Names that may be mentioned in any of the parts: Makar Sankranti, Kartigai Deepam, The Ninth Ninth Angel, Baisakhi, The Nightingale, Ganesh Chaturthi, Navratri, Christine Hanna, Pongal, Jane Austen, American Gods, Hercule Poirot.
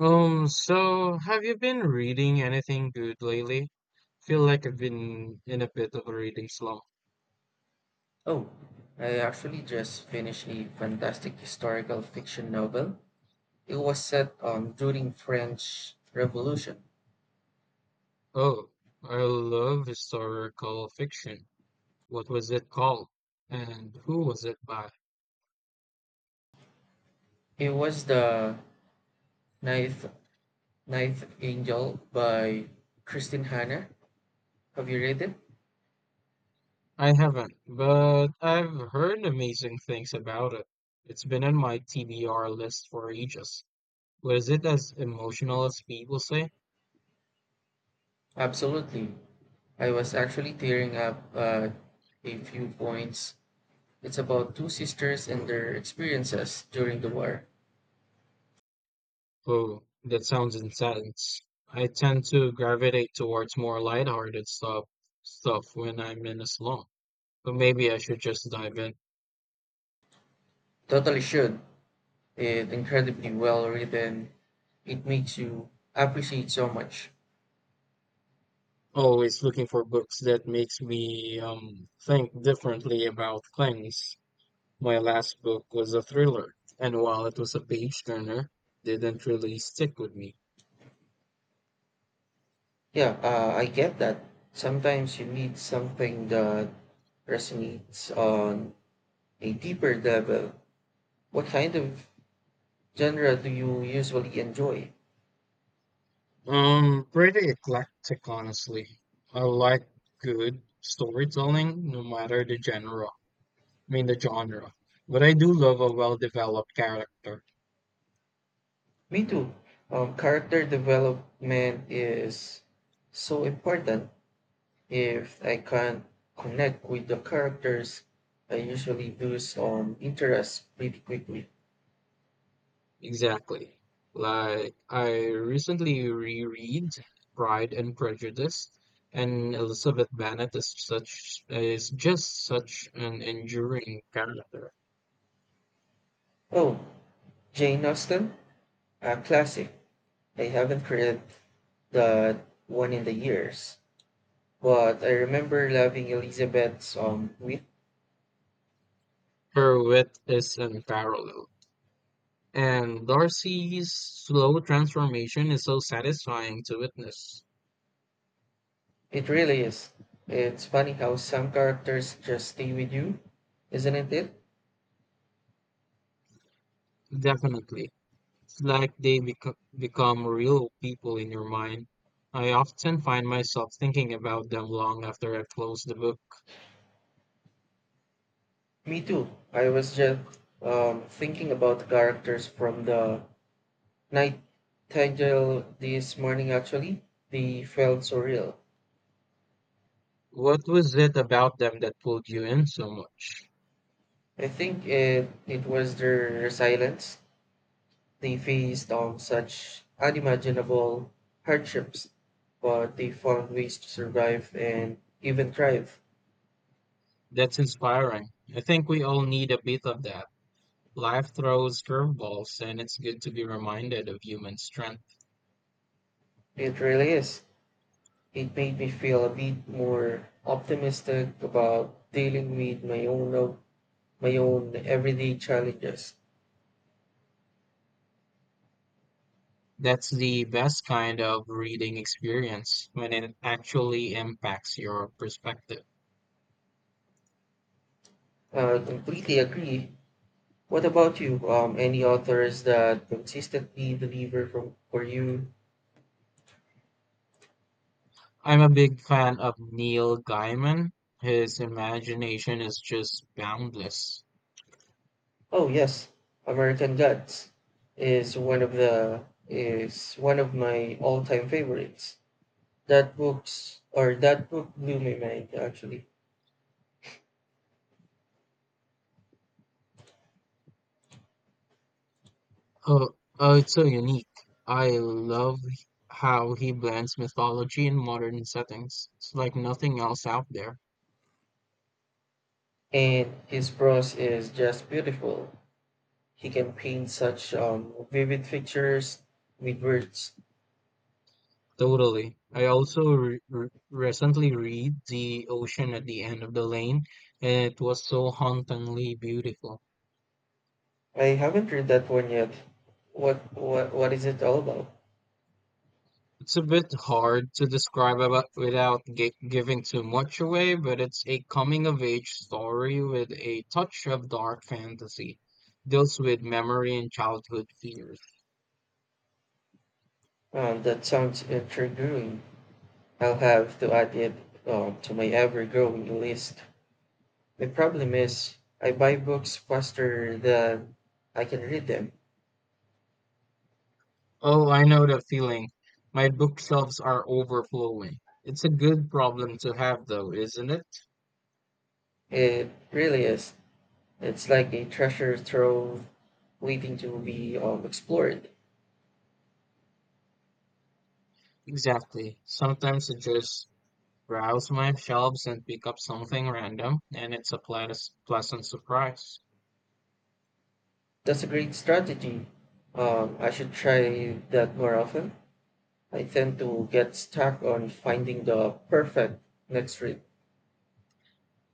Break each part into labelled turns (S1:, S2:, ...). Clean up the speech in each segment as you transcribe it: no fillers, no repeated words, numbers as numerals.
S1: So have you been reading anything good lately? Feel like I've been in a bit of a reading slump.
S2: Oh, I actually just finished a fantastic historical fiction novel. It was set during French Revolution.
S1: Oh, I love historical fiction. What was it called? And who was it by?
S2: It was the Ninth Ninth Angel by Christine Hanna. Have you read it?
S1: I haven't, but I've heard amazing things about it. It's been on my TBR list for ages. Was it as emotional as people say?
S2: Absolutely. I was actually tearing up a few points. It's about two sisters and their experiences during the war.
S1: Oh, that sounds intense. I tend to gravitate towards more lighthearted stuff when I'm in a slump. But maybe I should just dive in.
S2: Totally should. It's incredibly well written. It makes you appreciate so much.
S1: Always looking for books that makes me think differently about things. My last book was a thriller, and while it was a page turner, didn't really stick with me.
S2: Yeah, I get that. Sometimes you need something that resonates on a deeper level. What kind of genre do you usually enjoy?
S1: Pretty eclectic, honestly. I like good storytelling, no matter the genre. I mean, the genre. But I do love a well-developed character.
S2: Me too. Character development is so important. If I can't connect with the characters, I usually lose interest pretty quickly.
S1: Exactly. Like, I recently reread Pride and Prejudice, and Elizabeth Bennet is such is just such an enduring character.
S2: Oh, Jane Austen, a classic. I haven't read that one in the years. But I remember loving Elizabeth's wit.
S1: Her wit is unparalleled, and Darcy's slow transformation is so satisfying to witness.
S2: It really is. It's funny how some characters just stay with you, isn't it?
S1: Definitely. It's like they become real people in your mind. I often find myself thinking about them long after I close the book.
S2: Me too. I was just thinking about the characters from the Nightingale this morning. Actually, they felt so real.
S1: What was it about them that pulled you in so much?
S2: I think it was their resilience. They faced such unimaginable hardships, but they found ways to survive and even thrive.
S1: That's inspiring. I think we all need a bit of that. Life throws curveballs, and it's good to be reminded of human strength.
S2: It really is. It made me feel a bit more optimistic about dealing with my own everyday challenges.
S1: That's the best kind of reading experience when it actually impacts your perspective.
S2: I completely agree. What about you? Any authors that consistently deliver from for you?
S1: I'm a big fan of Neil Gaiman. His imagination is just boundless.
S2: Oh yes, American Gods is one of the is one of my all-time favorites. That book blew my mind actually,
S1: Oh, oh, it's so unique. I love how he blends mythology and modern settings. It's like nothing else out there.
S2: and his prose is just beautiful. He can paint such vivid pictures with words.
S1: Totally. I also recently read The Ocean at the End of the Lane, and it was so hauntingly beautiful.
S2: I haven't read that one yet. What is it all about?
S1: It's a bit hard to describe about, without giving too much away, but it's a coming of age story with a touch of dark fantasy. Deals with memory and childhood fears.
S2: That sounds intriguing. I'll have to add it to my ever-growing list. The problem is, I buy books faster than I can read them.
S1: Oh, I know the feeling. My bookshelves are overflowing. It's a good problem to have, though, isn't it?
S2: It really is. It's like a treasure trove waiting to be explored.
S1: Exactly. Sometimes I just browse my shelves and pick up something random, and it's a pleasant surprise.
S2: That's a great strategy. I should try that more often. I tend to get stuck on finding the perfect next read.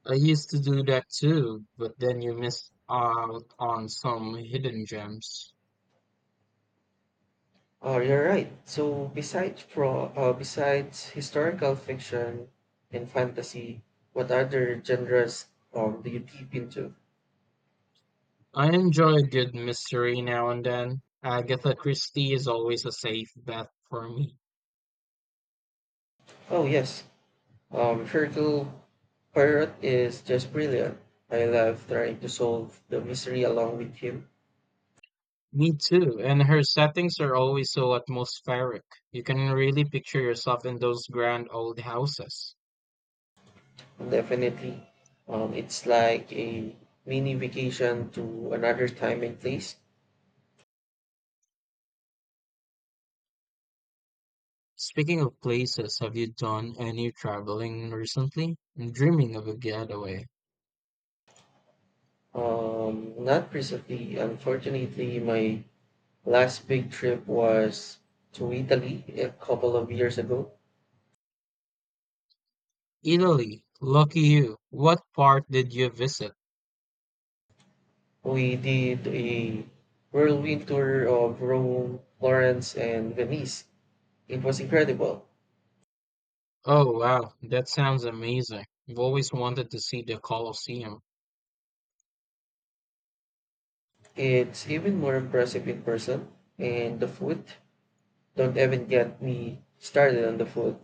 S1: I used to do that too, but then you miss out on some hidden gems.
S2: Oh, you're right. So besides historical fiction and fantasy, what other genres do you deep into?
S1: I enjoy a good mystery now and then. Agatha Christie is always a safe bet for me.
S2: Oh yes, Hercule Poirot is just brilliant. I love trying to solve the mystery along with him.
S1: Me too, and her settings are always so atmospheric. You can really picture yourself in those grand old houses.
S2: Definitely, it's like a mini vacation to another time and place.
S1: Speaking of places, have you done any traveling recently? I'm dreaming of a getaway.
S2: Not recently. Unfortunately, my last big trip was to Italy a couple of years ago.
S1: Italy, lucky you. What part did you visit?
S2: We did a whirlwind tour of Rome, Florence, and Venice. It was incredible.
S1: Oh wow, that sounds amazing. I've always wanted to see the Colosseum.
S2: It's even more impressive in person. And the food, don't even get me started on the food.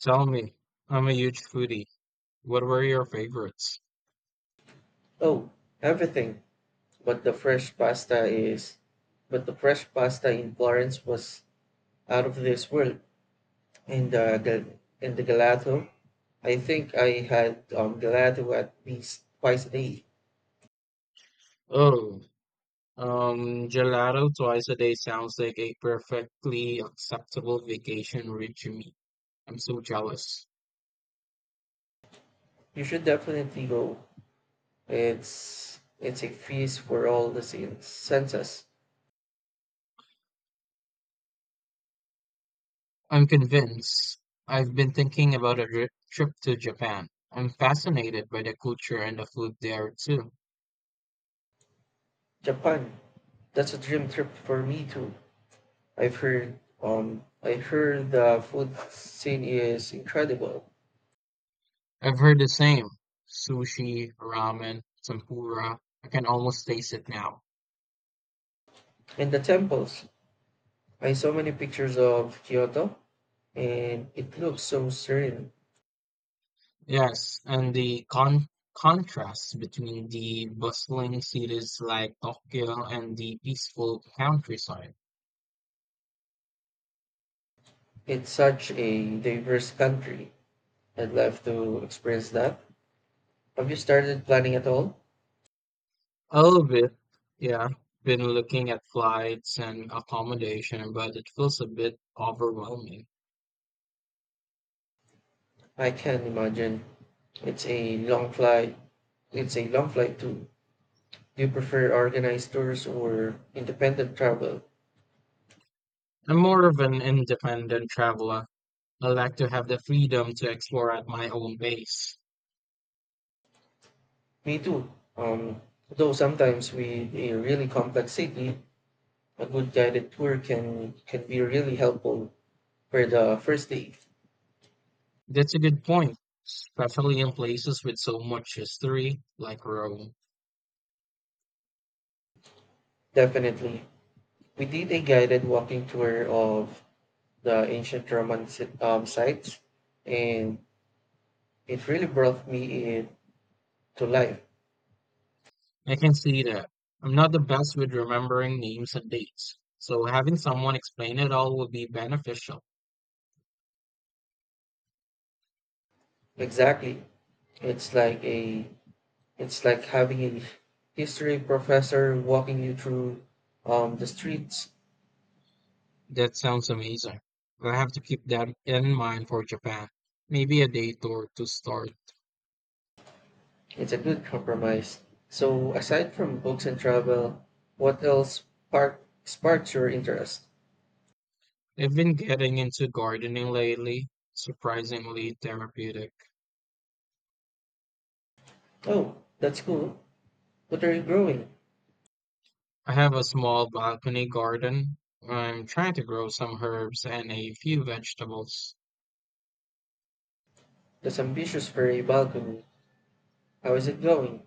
S1: Tell me, I'm a huge foodie. What were your favorites?
S2: Oh, everything. But the fresh pasta is, but the fresh pasta in Florence was out of this world. In the gelato. I think I had gelato at least twice a day.
S1: Oh, gelato twice a day sounds like a perfectly acceptable vacation regime. I'm so jealous.
S2: You should definitely go. It's a feast for all the senses.
S1: I'm convinced. I've been thinking about a trip to Japan. I'm fascinated by the culture and the food there too.
S2: Japan, that's a dream trip for me too. I heard the food scene is incredible.
S1: I've heard the same. Sushi, ramen, tempura. I can almost taste it now.
S2: And the temples. I saw many pictures of Kyoto and it looks so serene.
S1: Yes, and the contrast between the bustling cities like Tokyo and the peaceful countryside.
S2: It's such a diverse country. I'd love to experience that. Have you started planning at all?
S1: All of it, yeah. Been looking at flights and accommodation, but it feels a bit overwhelming.
S2: I can imagine. It's a long flight. It's a long flight too. Do you prefer organized tours or independent travel?
S1: I'm more of an independent traveler. I like to have the freedom to explore at my own pace.
S2: Me too. Though sometimes with a really complex city, a good guided tour can be really helpful for the first day.
S1: That's a good point, especially in places with so much history like Rome.
S2: Definitely. We did a guided walking tour of the ancient Roman sites, and it really brought me in to life.
S1: I can see that. I'm not the best with remembering names and dates, so having someone explain it all would be beneficial.
S2: Exactly. It's like a it's like having a history professor walking you through the streets.
S1: That sounds amazing. I'll have to keep that in mind for Japan. Maybe a day tour to start.
S2: It's a good compromise. So aside from books and travel, what else sparks your interest?
S1: I've been getting into gardening lately, surprisingly therapeutic.
S2: Oh, that's cool. What are you growing?
S1: I have a small balcony garden. I'm trying to grow some herbs and a few vegetables.
S2: That's ambitious for a balcony. How is it going?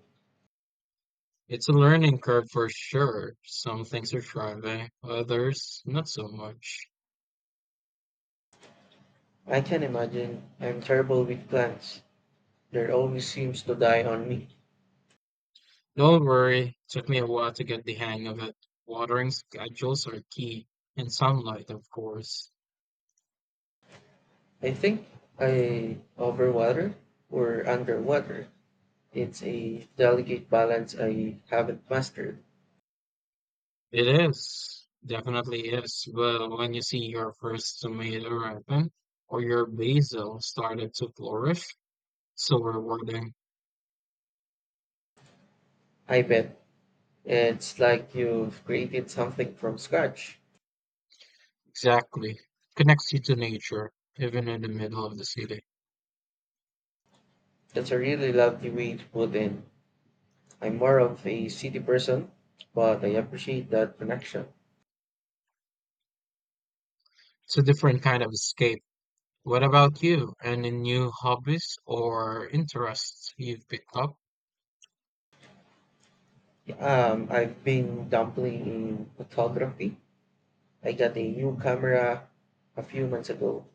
S1: It's a learning curve for sure. Some things are thriving, others not so much.
S2: I can imagine. I'm terrible with plants. There always seems to die on me.
S1: Don't worry, took me a while to get the hang of it. Watering schedules are key, and sunlight, of course.
S2: I think I overwater or underwater. It's a delicate balance I haven't mastered.
S1: It is, definitely is. But when you see your first tomato ripen, or your basil started to flourish, so rewarding.
S2: I bet it's like you've created something from scratch.
S1: Exactly. Connects you to nature, even in the middle of the city.
S2: That's a really lovely way to put in. I'm more of a city person, but I appreciate that connection.
S1: It's a different kind of escape. What about you? Any new hobbies or interests you've picked up?
S2: I've been dabbling in photography. I got a new camera a few months ago.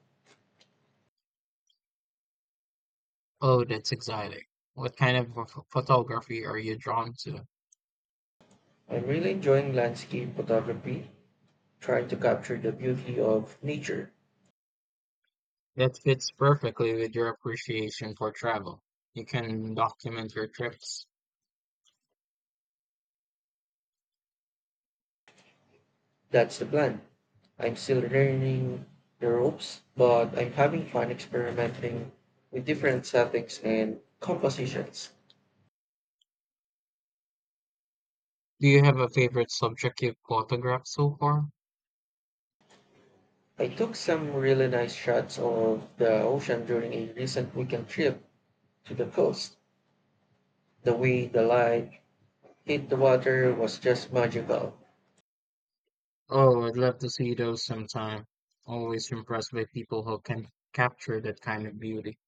S1: Oh, that's exciting. What kind of photography are you drawn to?
S2: I'm really enjoying landscape photography, trying to capture the beauty of nature.
S1: That fits perfectly with your appreciation for travel. You can document your trips.
S2: That's the plan. I'm still learning the ropes, but I'm having fun experimenting with different settings and compositions.
S1: Do you have a favorite subject you've photographed so far?
S2: I took some really nice shots of the ocean during a recent weekend trip to the coast. The way the light hit the water was just magical.
S1: Oh, I'd love to see those sometime. Always impressed by people who can capture that kind of beauty.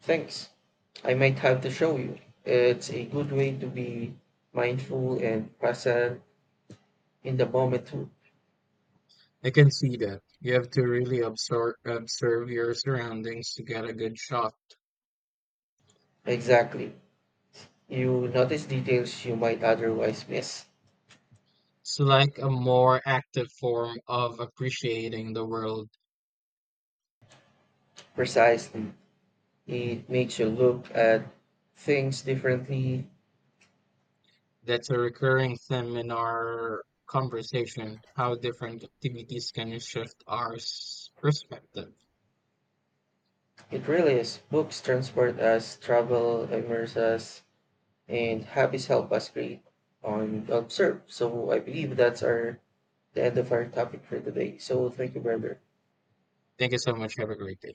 S2: Thanks. I might have to show you. It's a good way to be mindful and present in the moment too.
S1: I can see that. You have to really observe your surroundings to get a good shot.
S2: Exactly. You notice details you might otherwise miss.
S1: It's like a more active form of appreciating the world.
S2: Precisely. It makes you look at things differently.
S1: That's a recurring theme in our conversation, how different activities can shift our perspective.
S2: It really is. Books transport us, travel immerse us, and hobbies help us create and observe. So I believe that's our the end of our topic for today. So thank you, brother.
S1: Thank you so much. Have a great day.